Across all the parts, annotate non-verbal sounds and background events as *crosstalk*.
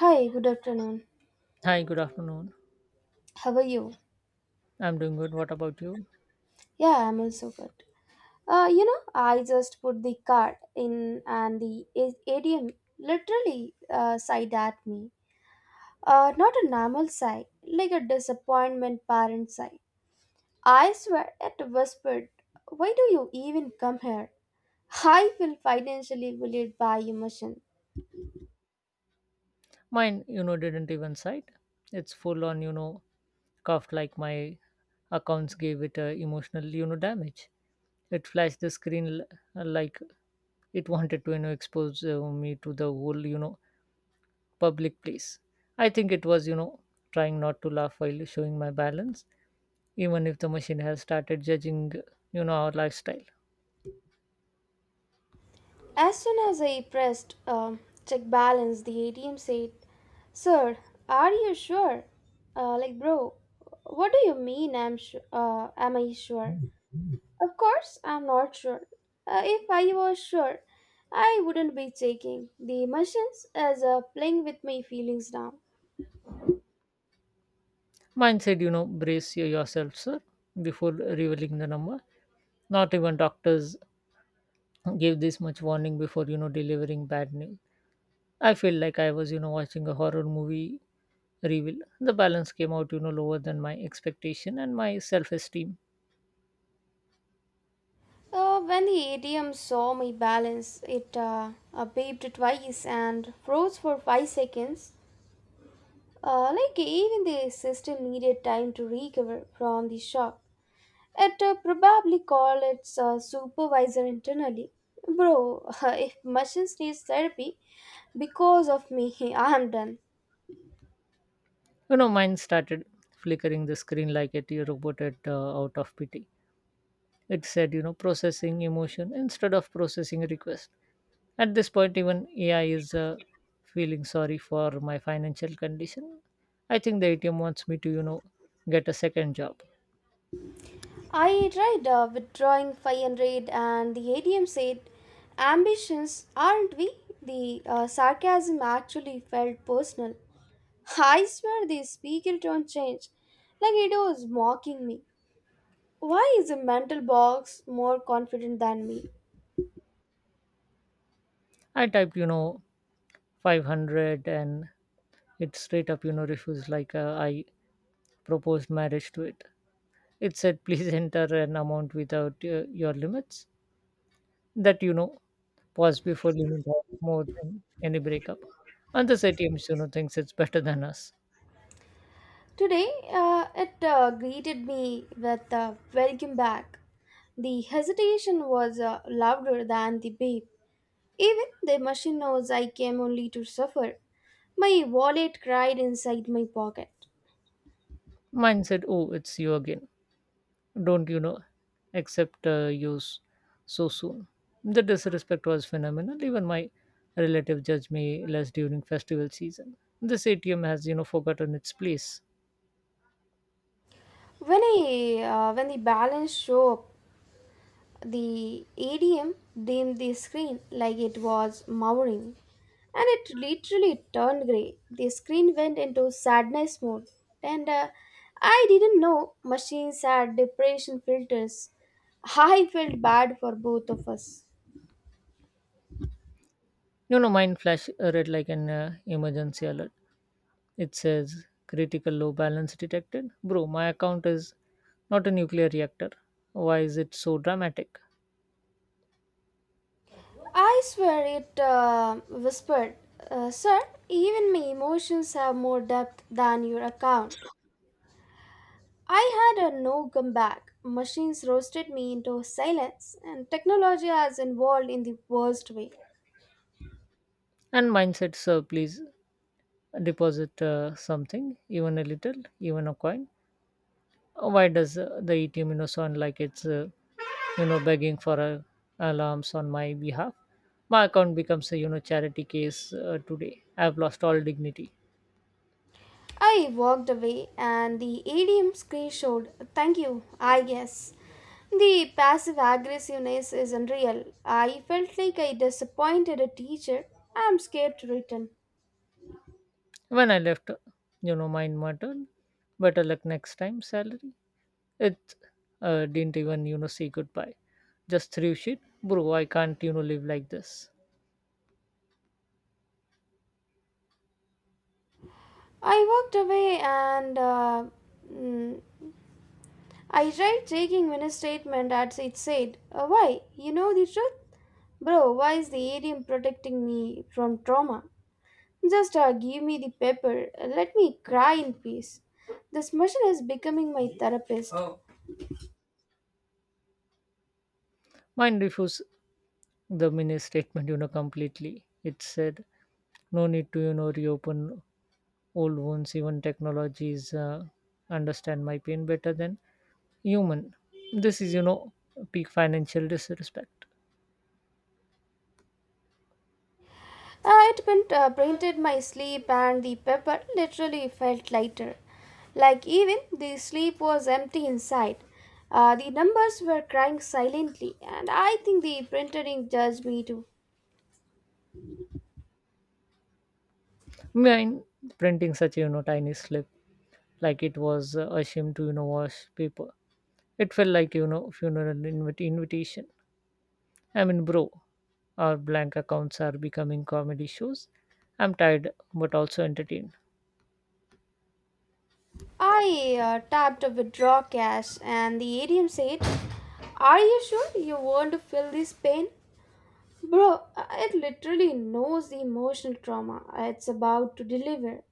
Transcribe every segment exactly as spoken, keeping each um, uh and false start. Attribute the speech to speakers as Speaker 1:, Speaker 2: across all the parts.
Speaker 1: Hi, good afternoon.
Speaker 2: Hi, good afternoon.
Speaker 1: How are you?
Speaker 2: I'm doing good. What about you?
Speaker 1: Yeah, I'm also good. Uh, you know, I just put the card in and the A- ATM literally uh, sighed at me. Uh, not a normal sigh, like a disappointment parent sigh. I swear it whispered, "Why do you even come here?" I feel financially bullied by emotion.
Speaker 2: Mine, you know, didn't even cite. It's full on, you know, cuffed like my accounts gave it a emotional, you know, damage. It flashed the screen l- like it wanted to, you know, expose uh, me to the whole, you know, public place. I think it was, you know, trying not to laugh while showing my balance, even if the machine has started judging, you know, our lifestyle.
Speaker 1: As soon as I pressed um check balance, the A T M said, "Sir, are you sure?" Uh, like, bro, what do you mean I'm sure? Uh, am I sure? Of course, I'm not sure. Uh, if I was sure, I wouldn't be taking the emotions as uh, playing with my feelings now.
Speaker 2: Mine said, you know, brace yourself, sir, before revealing the number. Not even doctors gave this much warning before, you know, delivering bad news. I feel like I was, you know, watching a horror movie reveal. The balance came out, you know, lower than my expectation and my self esteem.
Speaker 1: Uh, when the A T M saw my balance, it uh, uh, beeped twice and froze for five seconds. Uh, like even the system needed time to recover from the shock. It uh, probably called its uh, supervisor internally. Bro, *laughs* if machines needs therapy because of me, *laughs* I am done.
Speaker 2: You know, mine started flickering the screen like a robot at, uh, out of pity. It said, you know, processing emotion instead of processing request. At this point, even A I is uh, feeling sorry for my financial condition. I think the A T M wants me to, you know, get a second job.
Speaker 1: I tried uh, withdrawing five hundred and the A D M said, "Ambitions, aren't we?" The uh, sarcasm actually felt personal. I swear the speaker tone changed, like it was mocking me. Why is a mental box more confident than me?
Speaker 2: I typed, you know, five hundred and it straight up, you know, refused like uh, I proposed marriage to it. It said, please *laughs* enter an amount without uh, your limits. That, you know, pause before limit has more than any breakup. And this A T M, you know, thinks it's better than us.
Speaker 1: Today, uh, it uh, greeted me with, "Uh, welcome back." The hesitation was uh, louder than the beep. Even the machine knows I came only to suffer. My wallet cried inside my pocket.
Speaker 2: Mine said, Oh, it's you again. Don't you know? Accept uh, you s- so soon. The disrespect was phenomenal. Even my relative judged me less during festival season. This A T M has, you know, forgotten its place.
Speaker 1: When I, uh, when the balance show up, the A D M dimmed the screen like it was mowering, and it literally turned grey. The screen went into sadness mode, and uh, I didn't know machines had depression filters. *laughs* I felt bad for both of us.
Speaker 2: You know, mine flash uh, red like an uh, emergency alert. It says critical low balance detected. Bro, my account is not a nuclear reactor. Why is it so dramatic?
Speaker 1: I swear it uh, whispered, uh, "Sir, even my emotions have more depth than your account." I had a no comeback. Machines roasted me into silence, and technology has evolved in the worst way.
Speaker 2: And mine said, Sir, please deposit uh, something, even a little, even a coin. Why does uh, the A T M you know sound like it's uh, you know begging for uh, alarms on my behalf? My account becomes a you know charity case uh, today. I've lost all dignity.
Speaker 1: I walked away, and the A D M screen showed, "Thank you, I guess." The passive aggressiveness is unreal. I felt like I disappointed a teacher. I'm scared to return.
Speaker 2: When I left, uh, you know mine muttered, better luck next time. Salary. It uh, didn't even you know say goodbye. Just threw shit, bro. I can't you know live like this.
Speaker 1: I walked away, and uh, mm, I tried taking Minnie's statement as it said, "Uh, why? You know the truth?" Bro, why is the A D M protecting me from trauma? Just uh, give me the paper. uh, Let me cry in peace. This machine is becoming my therapist. Oh.
Speaker 2: Mine refused the mini statement you know completely. It said no need to you know reopen old wounds, even technologies uh, understand my pain better than human. This is, you know, peak financial disrespect.
Speaker 1: Uh, it print, uh, printed my sleep, and the paper literally felt lighter. Like even the sleep was empty inside. Uh, the numbers were crying silently, and I think the printer ink judged me too.
Speaker 2: Mine printing such a, you know, tiny slip like it was uh, a shame to, you know, wash paper. It felt like, you know, funeral invit- invitation. I mean, bro, our blank accounts are becoming comedy shows. I'm tired but also entertained.
Speaker 1: I uh, tapped a withdraw cash and the A T M said, "Are you sure you want to feel this pain?" Bro, uh, it literally knows the emotional trauma it's about to deliver.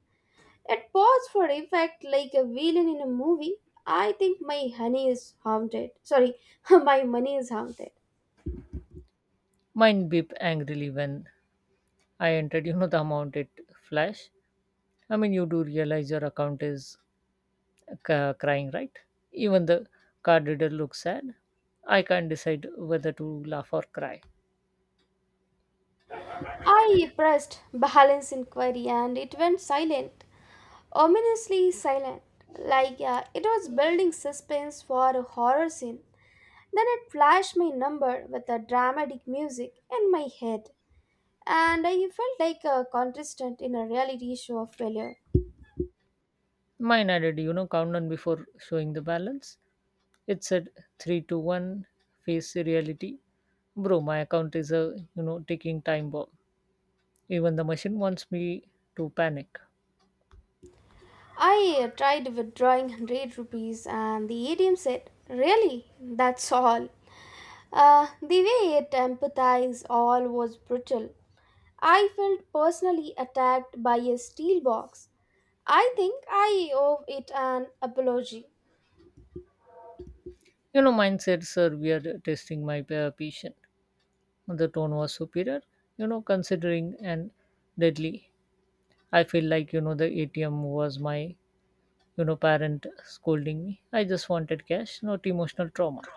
Speaker 1: It paused for effect like a villain in a movie. I think my honey is haunted. Sorry, *laughs* my money is haunted.
Speaker 2: Mine beep angrily when I entered, you know, the amount it flashed. I mean, you do realize your account is ca- crying, right? Even the card reader looks sad. I can't decide whether to laugh or cry.
Speaker 1: I pressed balance inquiry and it went silent, ominously silent, like uh, it was building suspense for a horror scene. Then it flashed my number with a dramatic music in my head, and I felt like a contestant in a reality show of failure.
Speaker 2: Mine added, you know, countdown before showing the balance. It said three to one, face reality. Bro, my account is a, you know, ticking time bomb. Even the machine wants me to panic.
Speaker 1: I uh, tried withdrawing one hundred rupees, and the A T M said, "Really? That's all." Uh, the way it empathized all was brutal. I felt personally attacked by a steel box. I think I owe it an apology.
Speaker 2: You know, mine said, sir, we are testing my pa- patient. The tone was superior, you know, considering and deadly. I feel like, you know, the A T M was my you know, parent scolding me. I just wanted cash, not emotional trauma.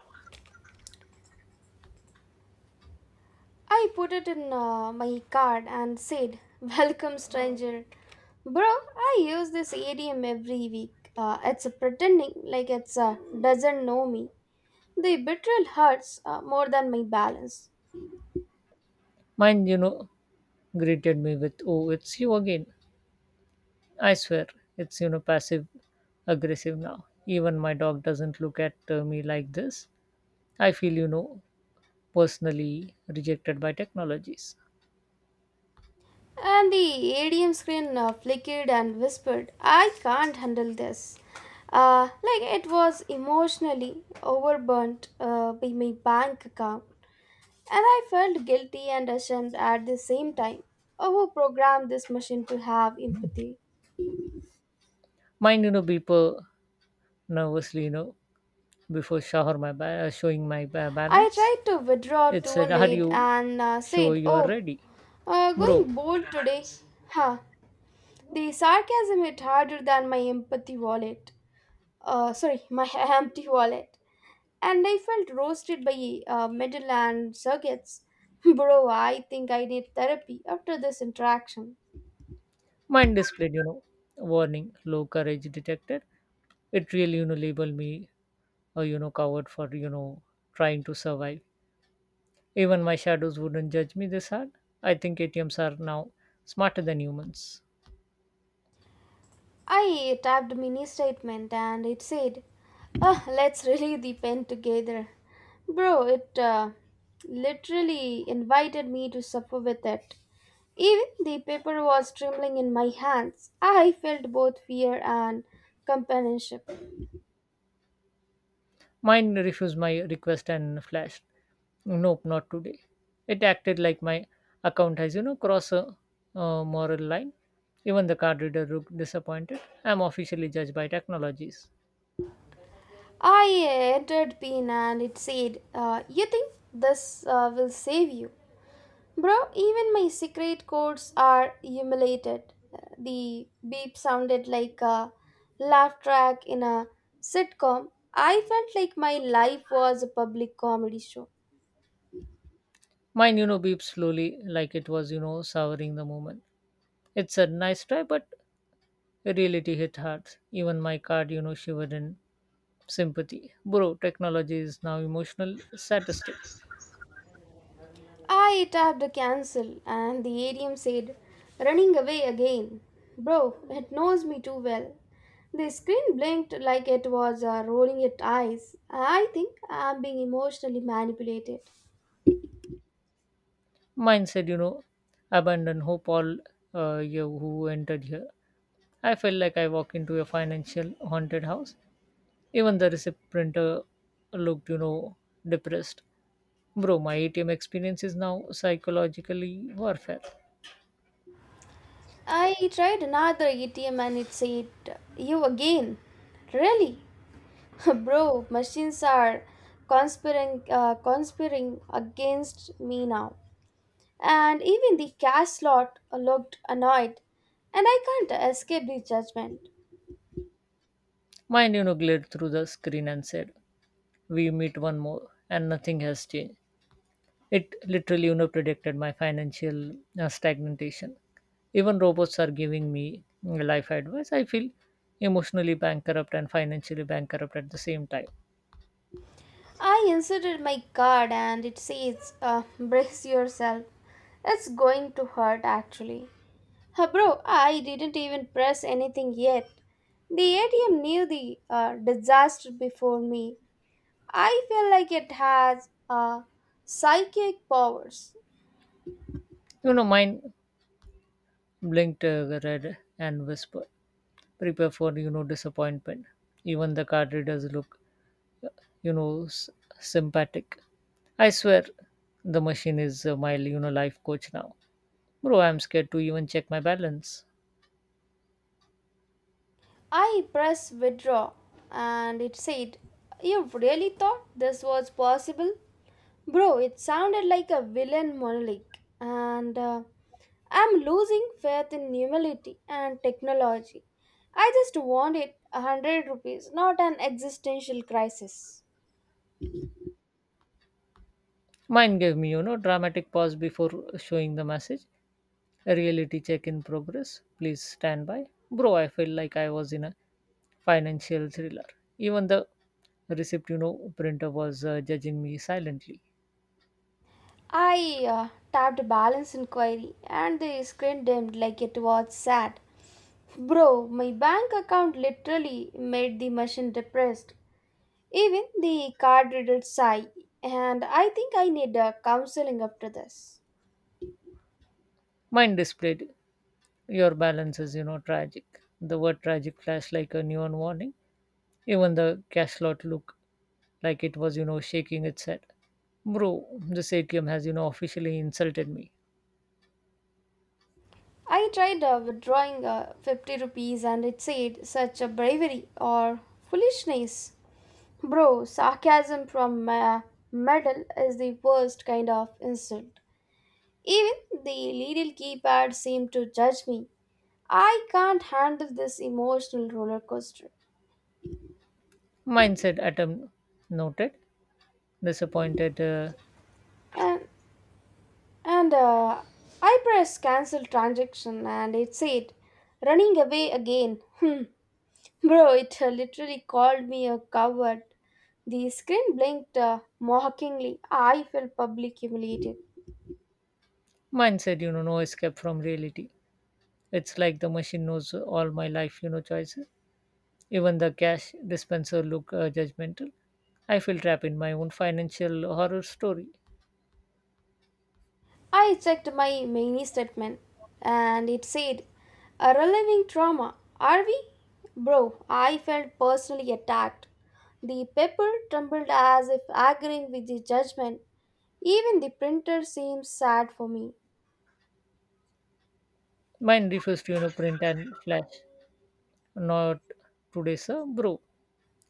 Speaker 1: I put it in uh, my card and said, "Welcome, stranger." Bro, I use this idiom every week. Uh, it's pretending like it's uh, doesn't know me. The betrayal hurts uh, more than my balance.
Speaker 2: Mine, you know, greeted me with, oh, it's you again. I swear, it's, you know, passive aggressive now. Even my dog doesn't look at uh, me like this. I feel, you know, personally rejected by technologies.
Speaker 1: And the A D M screen uh, flickered and whispered, "I can't handle this." Uh, like it was emotionally overburnt uh, by my bank account. And I felt guilty and ashamed at the same time. Oh, who programmed this machine to have empathy?
Speaker 2: Mine, you know, beeper nervously, you know, before shower my ba- uh, showing my ba-
Speaker 1: I
Speaker 2: balance.
Speaker 1: tried to withdraw
Speaker 2: It said, "Are
Speaker 1: two hundred
Speaker 2: you
Speaker 1: and uh,
Speaker 2: sure
Speaker 1: said,
Speaker 2: you are
Speaker 1: "Oh,
Speaker 2: ready,
Speaker 1: uh,
Speaker 2: bro?"
Speaker 1: going bold today." Huh. The sarcasm hit harder than my empathy wallet. Uh, sorry, my *laughs* empty wallet. And I felt roasted by uh, middle and circuits. *laughs* Bro, I think I need therapy after this interaction.
Speaker 2: Mine displayed, you know, warning, low courage detected. It really, you know, labeled me a, you know, coward for, you know, trying to survive. Even my shadows wouldn't judge me this hard. I think A T Ms are now smarter than humans.
Speaker 1: I typed mini statement and it said, "Ah, let's really *laughs* the pen together." Bro, it uh, literally invited me to supper with it. Even the paper was trembling in my hands. I felt both fear and companionship.
Speaker 2: Mine refused my request and flashed. Nope, not today. It acted like my account has, you know, crossed a uh, moral line. Even the card reader looked disappointed. I'm officially judged by technologies.
Speaker 1: I entered PIN and it said, "Uh, you think this uh, will save you?" Bro, even my secret codes are emulated. The beep sounded like a laugh track in a sitcom. I felt like my life was a public comedy show.
Speaker 2: Mine, you know, beeped slowly like it was, you know, souring the moment. It's a nice try, but reality hit hard. Even my card, you know, shivered in sympathy. Bro, technology is now emotional statistic.
Speaker 1: I tapped the cancel and the A D M said, "Running away again." Bro, it knows me too well. The screen blinked like it was uh, rolling its eyes. I think I'm being emotionally manipulated.
Speaker 2: Mine said, you know, abandon hope all uh, you who entered here. I felt like I walked into a financial haunted house. Even the receipt printer looked, you know, depressed. Bro, my A T M experience is now psychologically warfare.
Speaker 1: I tried another A T M and it said, "You again? Really?" *laughs* Bro, machines are conspiring, uh, conspiring against me now. And even the cash slot looked annoyed, and I can't escape the judgment.
Speaker 2: Mine, you know, glared through the screen and said, we meet one more, and nothing has changed. It literally you know, predicted my financial uh, stagnation. Even robots are giving me mm, life advice. I feel emotionally bankrupt and financially bankrupt at the same time.
Speaker 1: I inserted my card and it says, "Uh, brace yourself. It's going to hurt actually." Uh, bro, I didn't even press anything yet. The A T M knew the uh, disaster before me. I feel like it has uh, psychic powers.
Speaker 2: You know, mine blinked uh, red and whispered, prepare for, you know, disappointment. Even the card readers look, uh, you know, s- sympathetic. I swear the machine is uh, my, you know, life coach now. Bro, I'm scared to even check my balance.
Speaker 1: I press withdraw and it said, "You really thought this was possible?" Bro, it sounded like a villain monologue. And uh, I'm losing faith in humility and technology. I just wanted a hundred rupees, not an existential crisis.
Speaker 2: Mine gave me, you know, dramatic pause before showing the message. A reality check in progress. Please stand by. Bro, I felt like I was in a financial thriller. Even the receipt, you know, printer was uh, judging me silently.
Speaker 1: I uh, tapped balance inquiry and the screen dimmed like it was sad. Bro, my bank account literally made the machine depressed. Even the card reader sigh, and I think I need uh, counseling after this.
Speaker 2: Mine displayed your balance is, you know, tragic. The word tragic flashed like a neon warning. Even the cash slot looked like it was, you know, shaking its head. Bro, this A T M has, you know, officially insulted me.
Speaker 1: I tried uh, withdrawing uh, fifty rupees and it said, "Such a bravery or foolishness." Bro, sarcasm from uh, metal is the worst kind of insult. Even the little keypad seemed to judge me. I can't handle this emotional roller coaster.
Speaker 2: Mindset attempt noted. Disappointed uh,
Speaker 1: And And uh, I pressed cancel transaction and it said, "Running away again." Hmm. Bro, it uh, literally called me a coward. The screen blinked uh, mockingly. I felt publicly humiliated.
Speaker 2: mindset, you know, no escape from reality. It's like the machine knows all my life, you know, choices. Even the cash dispenser look uh, judgmental. I feel trapped in my own financial horror story.
Speaker 1: I checked my mini statement and it said, "A reliving trauma, are we?" Bro, I felt personally attacked. The paper trembled as if agreeing with the judgment. Even the printer seemed sad for me.
Speaker 2: Mine refused to, you know, print and flash. Not today, sir, bro.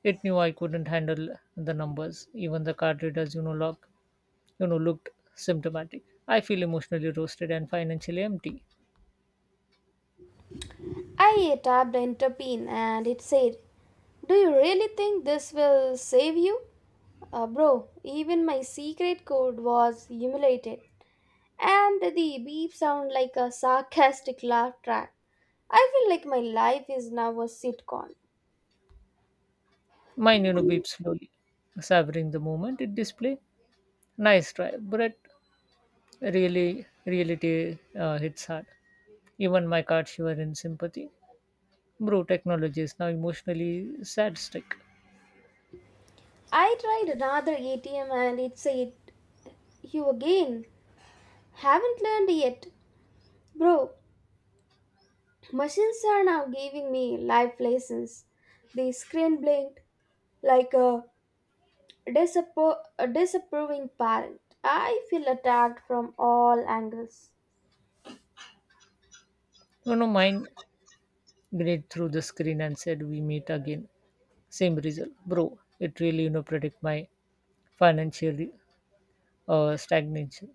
Speaker 2: It knew I couldn't handle the numbers. Even the card readers, you know, look, you know, looked symptomatic. I feel emotionally roasted and financially empty.
Speaker 1: I tapped enter pin and it said, "Do you really think this will save you?" Uh, bro, even my secret code was humiliated. And the beep sound like a sarcastic laugh track. I feel like my life is now a sitcom.
Speaker 2: Mine, you know, beeps slowly, savoring the moment it display. Nice try, but really, reality uh, hits hard. Even my card shiver in sympathy. Bro, technology is now emotionally sad stick.
Speaker 1: I tried another A T M and it said, "You again. Haven't learned yet." Bro, machines are now giving me life lessons. The screen blinked like a, disappro- a disapproving parent. I feel attacked from all angles.
Speaker 2: You know, mine grade through the screen and said we meet again. Same result, bro. It really, you know, predict my financial uh, stagnation.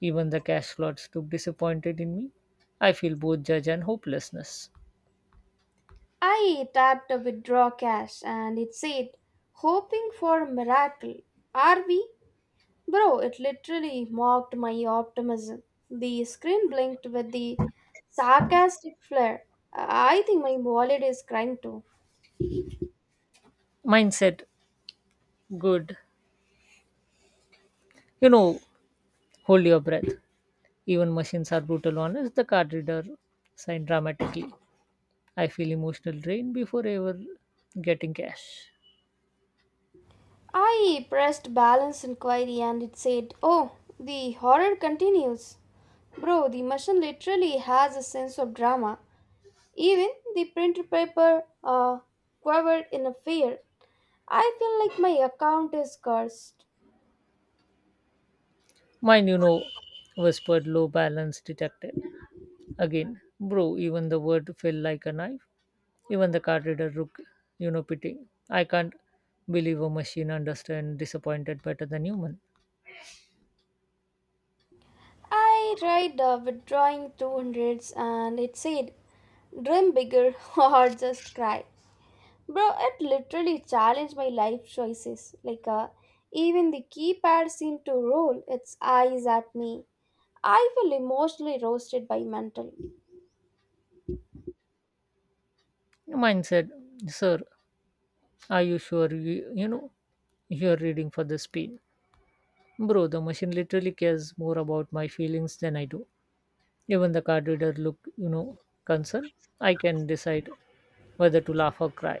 Speaker 2: Even the cash slots look disappointed in me. I feel both judge and hopelessness.
Speaker 1: I tapped a withdraw cash and it said, "Hoping for a miracle, are we?" Bro, it literally mocked my optimism. The screen blinked with the sarcastic flair. I think my wallet is crying too.
Speaker 2: Mindset good. you know Hold your breath. Even machines are brutal honest, the card reader sighed dramatically. I feel emotional drain before ever getting cash.
Speaker 1: I pressed balance inquiry and it said, "Oh, the horror continues." Bro, the machine literally has a sense of drama. Even the printer paper uh, quivered in a fear. I feel like my account is cursed.
Speaker 2: Mine, you know, whispered low balance detective. Again, bro, even the word fell like a knife. Even the card reader looked, you know, pitying. I can't believe a machine understand disappointed better than human.
Speaker 1: I tried uh, withdrawing two hundreds and it said, "Dream bigger *laughs* or just cry." Bro, it literally challenged my life choices. Like, uh, even the keypad seemed to roll its eyes at me. I feel emotionally roasted by mental.
Speaker 2: Mine said, sir, are you sure you, you know, you're reading for the speed? Bro, the machine literally cares more about my feelings than I do. Even the card reader look, you know, concerned. I can decide whether to laugh or cry.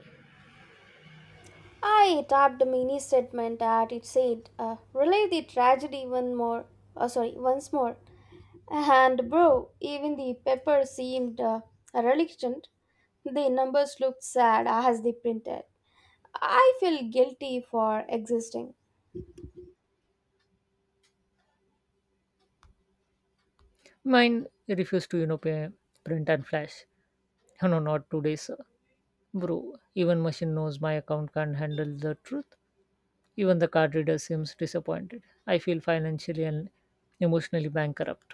Speaker 1: I tapped a mini statement that it said, "Uh, relive the tragedy one more, oh, sorry, once more." And bro, even the paper seemed uh, reluctant. The numbers looked sad as they printed. I feel guilty for existing.
Speaker 2: Mine refused to, you know, pay, print and flash. No, not today, sir. Bro, even machine knows my account can't handle the truth. Even the card reader seems disappointed. I feel financially and emotionally bankrupt.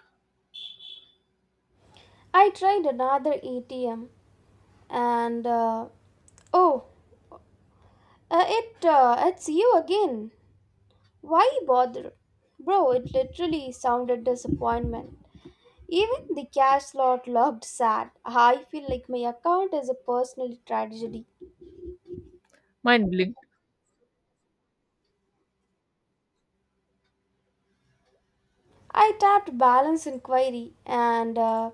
Speaker 1: I tried another A T M and uh, oh, uh, it uh, it's you again. Why bother? Bro, it literally sounded disappointment. Even the cash slot looked sad. I feel like my account is a personal tragedy.
Speaker 2: Mine blinked,
Speaker 1: I tapped balance inquiry and uh,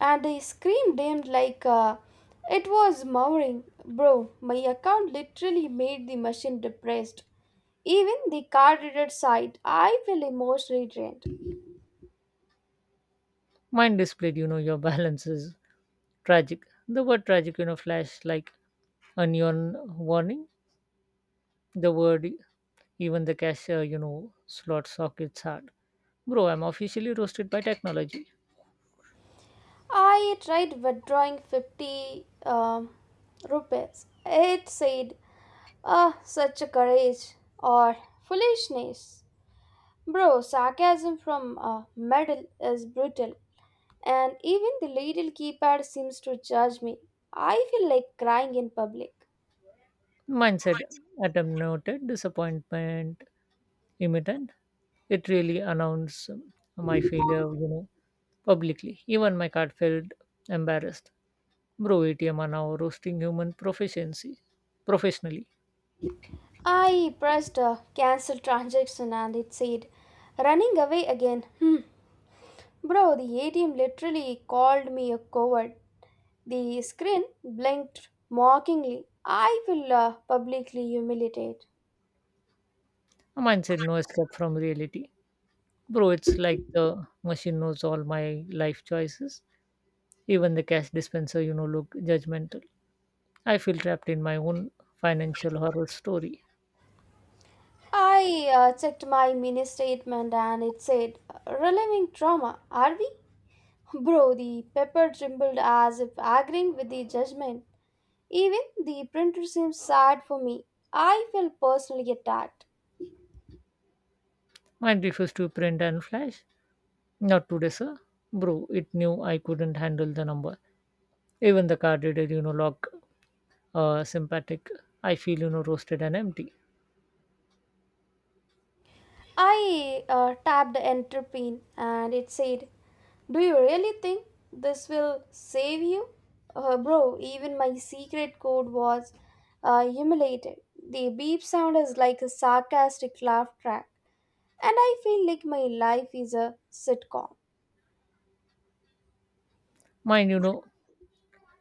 Speaker 1: and I screamed aimed like uh, it was mowering. Bro, my account literally made the machine depressed. Even the card reader side, I feel emotionally drained.
Speaker 2: mine displayed, you know, your *laughs* balance is tragic. The word tragic, you know, flashed like a neon warning. The word, even the cashier, you know, slot sockets hard. Bro, I'm officially roasted by technology.
Speaker 1: I tried withdrawing fifty um rupees. It said, "Ah, such a courage or foolishness." Bro, sarcasm from a medal is brutal, and even the little keypad seems to judge me. I feel like crying in public.
Speaker 2: Mindset, atom noted, disappointment, imminent. It really announced my failure, you know, publicly. Even my card felt embarrassed. Bro, A T M are now roasting human proficiency professionally.
Speaker 1: I pressed a cancel transaction and it said, "Running away again." Hmm. Bro, the A T M literally called me a coward. The screen blinked mockingly. I feel uh, publicly humiliated.
Speaker 2: A mindset no escape from reality. Bro, it's like the machine knows all my life choices. Even the cash dispenser, you know, look judgmental. I feel trapped in my own financial horror story.
Speaker 1: I uh, checked my mini statement and it said, "Reliving trauma, are we?" Bro, the paper trembled as if agreeing with the judgment. Even the printer seemed sad for me. I felt personally attacked.
Speaker 2: Mine refused to print and flash. Not today, sir. Bro, it knew I couldn't handle the number. Even the card did, you know, lock uh, sympathetic. I feel, you know, roasted and empty.
Speaker 1: I uh, tapped enter pin and it said, "Do you really think this will save you?" Uh, bro, even my secret code was uh, humiliated. The beep sound is like a sarcastic laugh track, and I feel like my life is a sitcom.
Speaker 2: Mine, you know,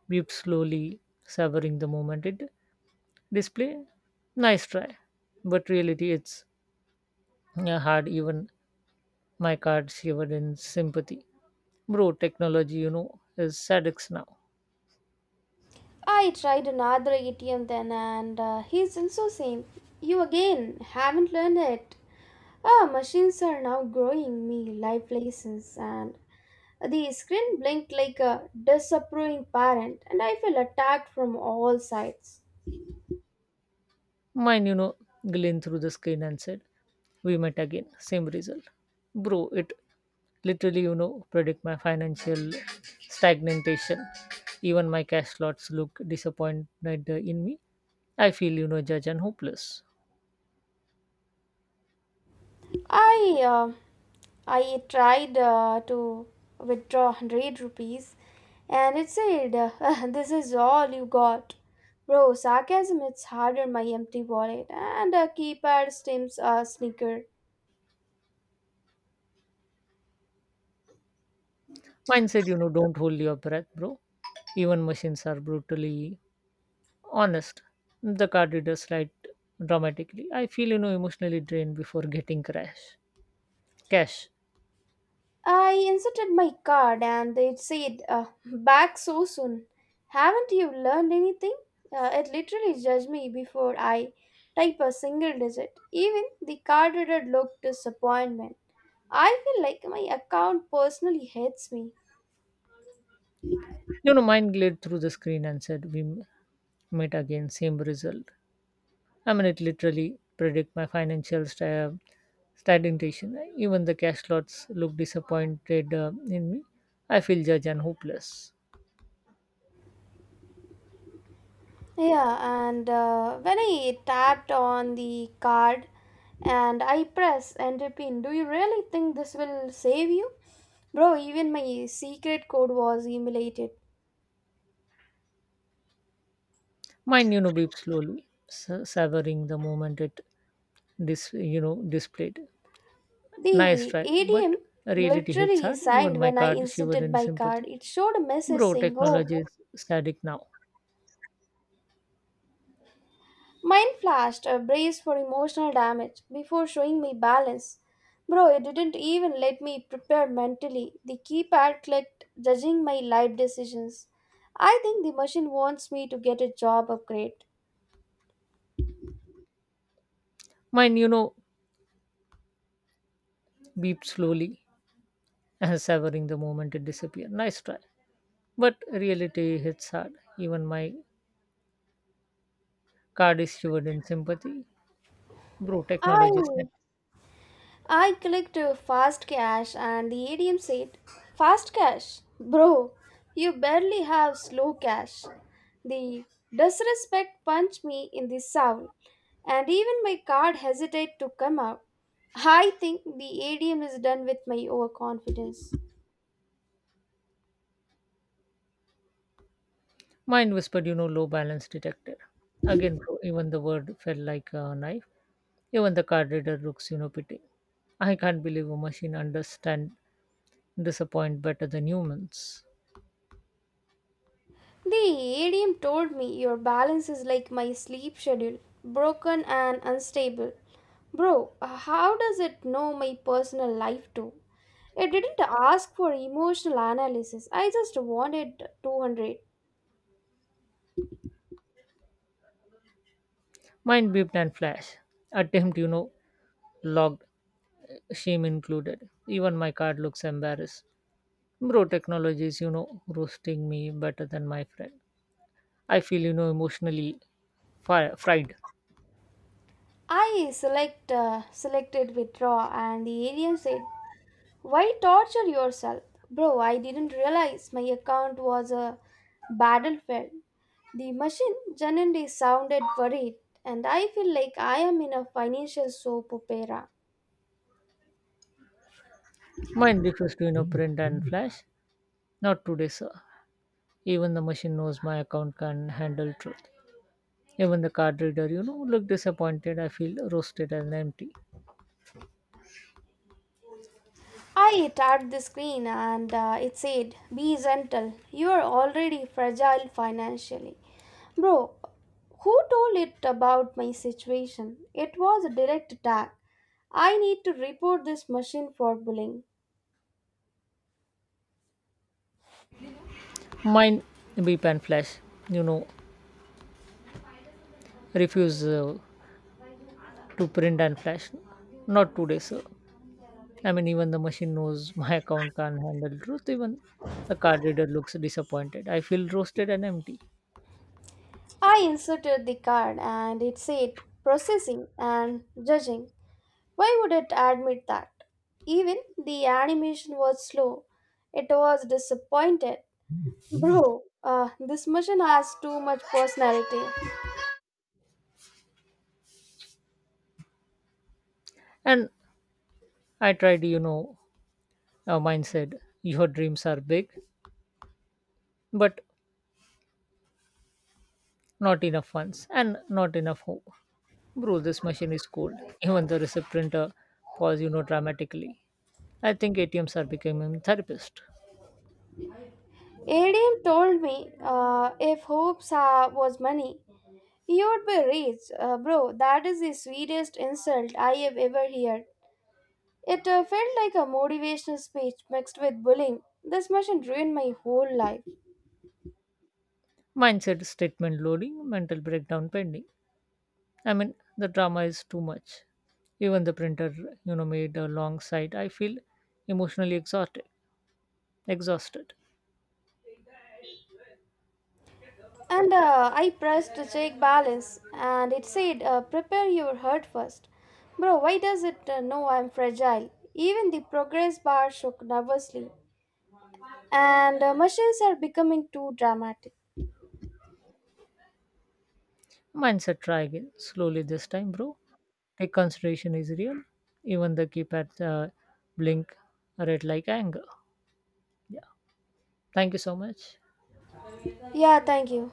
Speaker 2: beeped slowly, savoring the moment it display. Nice try. But reality, it's uh, hard. Even my card shivered in sympathy. Bro, technology, you know, is sadix now.
Speaker 1: I tried another A T M then, and uh, he's also same. "You again, haven't learned it." Ah, machines are now growing me life lessons, and the screen blinked like a disapproving parent, and I feel attacked from all sides.
Speaker 2: Mine, you know, gleamed through the screen and said, we met again, same result. Bro, it literally, you know, predict my financial stagnation. Even my cash slots look disappointed in me. I feel, you know, judged and hopeless.
Speaker 1: I uh, I tried uh, to withdraw one hundred rupees and it said, *laughs* "This is all you got." Bro, sarcasm hits hard on my empty wallet and a keypad stems a sneaker.
Speaker 2: Mine said, you know, don't hold your breath, bro. Even machines are brutally honest. The card reader slide dramatically. I feel, you know, emotionally drained before getting crash. Cash.
Speaker 1: I inserted my card and it said, "Uh, back so soon. Haven't you learned anything?" Uh, it literally judged me before I type a single digit. Even the card reader looked disappointment. I feel like my account personally hates me.
Speaker 2: You know, mine glared through the screen and said, we m- meet again, same result. I mean, it literally predict my financial sta- stagnation. Even the cash lots look disappointed uh, in me. I feel judged and hopeless.
Speaker 1: Yeah, and uh, when I tapped on the card and I press enter pin, "Do you really think this will save you?" Bro, even my secret code was emulated.
Speaker 2: Mine, you know, beep slowly, sa- savoring the moment it dis- you know, displayed. Nice
Speaker 1: The
Speaker 2: try, but
Speaker 1: A D M
Speaker 2: reality hits
Speaker 1: literally
Speaker 2: hard. Even
Speaker 1: signed
Speaker 2: my
Speaker 1: when I
Speaker 2: card shivered
Speaker 1: inserted
Speaker 2: in
Speaker 1: my card.
Speaker 2: sympathy.
Speaker 1: It showed a message
Speaker 2: Bro,
Speaker 1: saying, "Oh,
Speaker 2: technology is static now.
Speaker 1: mine flashed a brace for emotional damage before showing me balance." Bro, it didn't even let me prepare mentally. The keypad clicked, judging my life decisions. I think the machine wants me to get a job upgrade.
Speaker 2: Mine, you know, beeped slowly, and savoring the moment it disappears. Nice try. But reality hits hard. Even my card is shivered in sympathy. Bro, technology is net.
Speaker 1: I I clicked uh, fast cash and the A T M said, "Fast cash? Bro, you barely have slow cash." The disrespect punched me in the soul, and even my card hesitated to come out. I think the A D M is done with my overconfidence.
Speaker 2: Mind whispered, you know, low balance detected. Again, bro, even the word felt like a knife. Even the card reader looks, you know, pity. I can't believe a machine understand disappoint better than humans.
Speaker 1: The A D M told me, "Your balance is like my sleep schedule, broken and unstable." Bro, how does it know my personal life too? It didn't ask for emotional analysis. I just wanted two hundred.
Speaker 2: Mine beeped and flashed. Attempt, you know, logged, shame included. Even my card looks embarrassed. Bro, technology is, you know, roasting me better than my friend. I feel, you know, emotionally fi- fried.
Speaker 1: I select uh, selected withdraw and the alien said, "Why torture yourself?" Bro, I didn't realize my account was a battlefield. The machine genuinely sounded worried, and I feel like I am in a financial soap opera.
Speaker 2: Mine refers to, you know, print and flash. Not today, sir. Even the machine knows my account can handle truth. Even the card reader, you know, look disappointed. I feel roasted and empty.
Speaker 1: I tapped the screen and uh, it said, "Be gentle, you are already fragile financially." Bro, who told it about my situation? It was a direct attack. I need to report this machine for bullying.
Speaker 2: Mine, beep and flash, you know, refuse uh, to print and flash. Not today, sir. I mean, even the machine knows *laughs* my account can't handle truth. Even the card reader looks disappointed. I feel roasted and empty.
Speaker 1: I inserted the card and it said, "Processing and judging." Why would it admit that? Even the animation was slow. It was disappointed. Bro, uh, this machine has too much personality.
Speaker 2: And I tried, you know, uh, mine said, your dreams are big, but not enough funds and not enough hope. Bro, this machine is cold. Even the receipt printer paused, you know, dramatically. I think A T Ms are becoming therapist.
Speaker 1: Adam told me, uh, "If hopes uh, was money, he would be rich." Uh, bro, that is the sweetest insult I have ever heard. It uh, felt like a motivational speech mixed with bullying. This machine ruined my whole life.
Speaker 2: Mine said, statement loading, mental breakdown pending. I mean, the drama is too much. Even the printer, you know, made a long sight. I feel emotionally exhausted. Exhausted.
Speaker 1: And uh, I pressed the check balance and it said, "Uh, prepare your heart first." Bro, why does it uh, know I'm fragile? Even the progress bar shook nervously. And uh, Machines are becoming too dramatic.
Speaker 2: Mindset, try again. Slowly this time, bro. Take consideration is real. Even the keypad uh, blink red like anger. Yeah. Thank you so much.
Speaker 1: Yeah, thank you.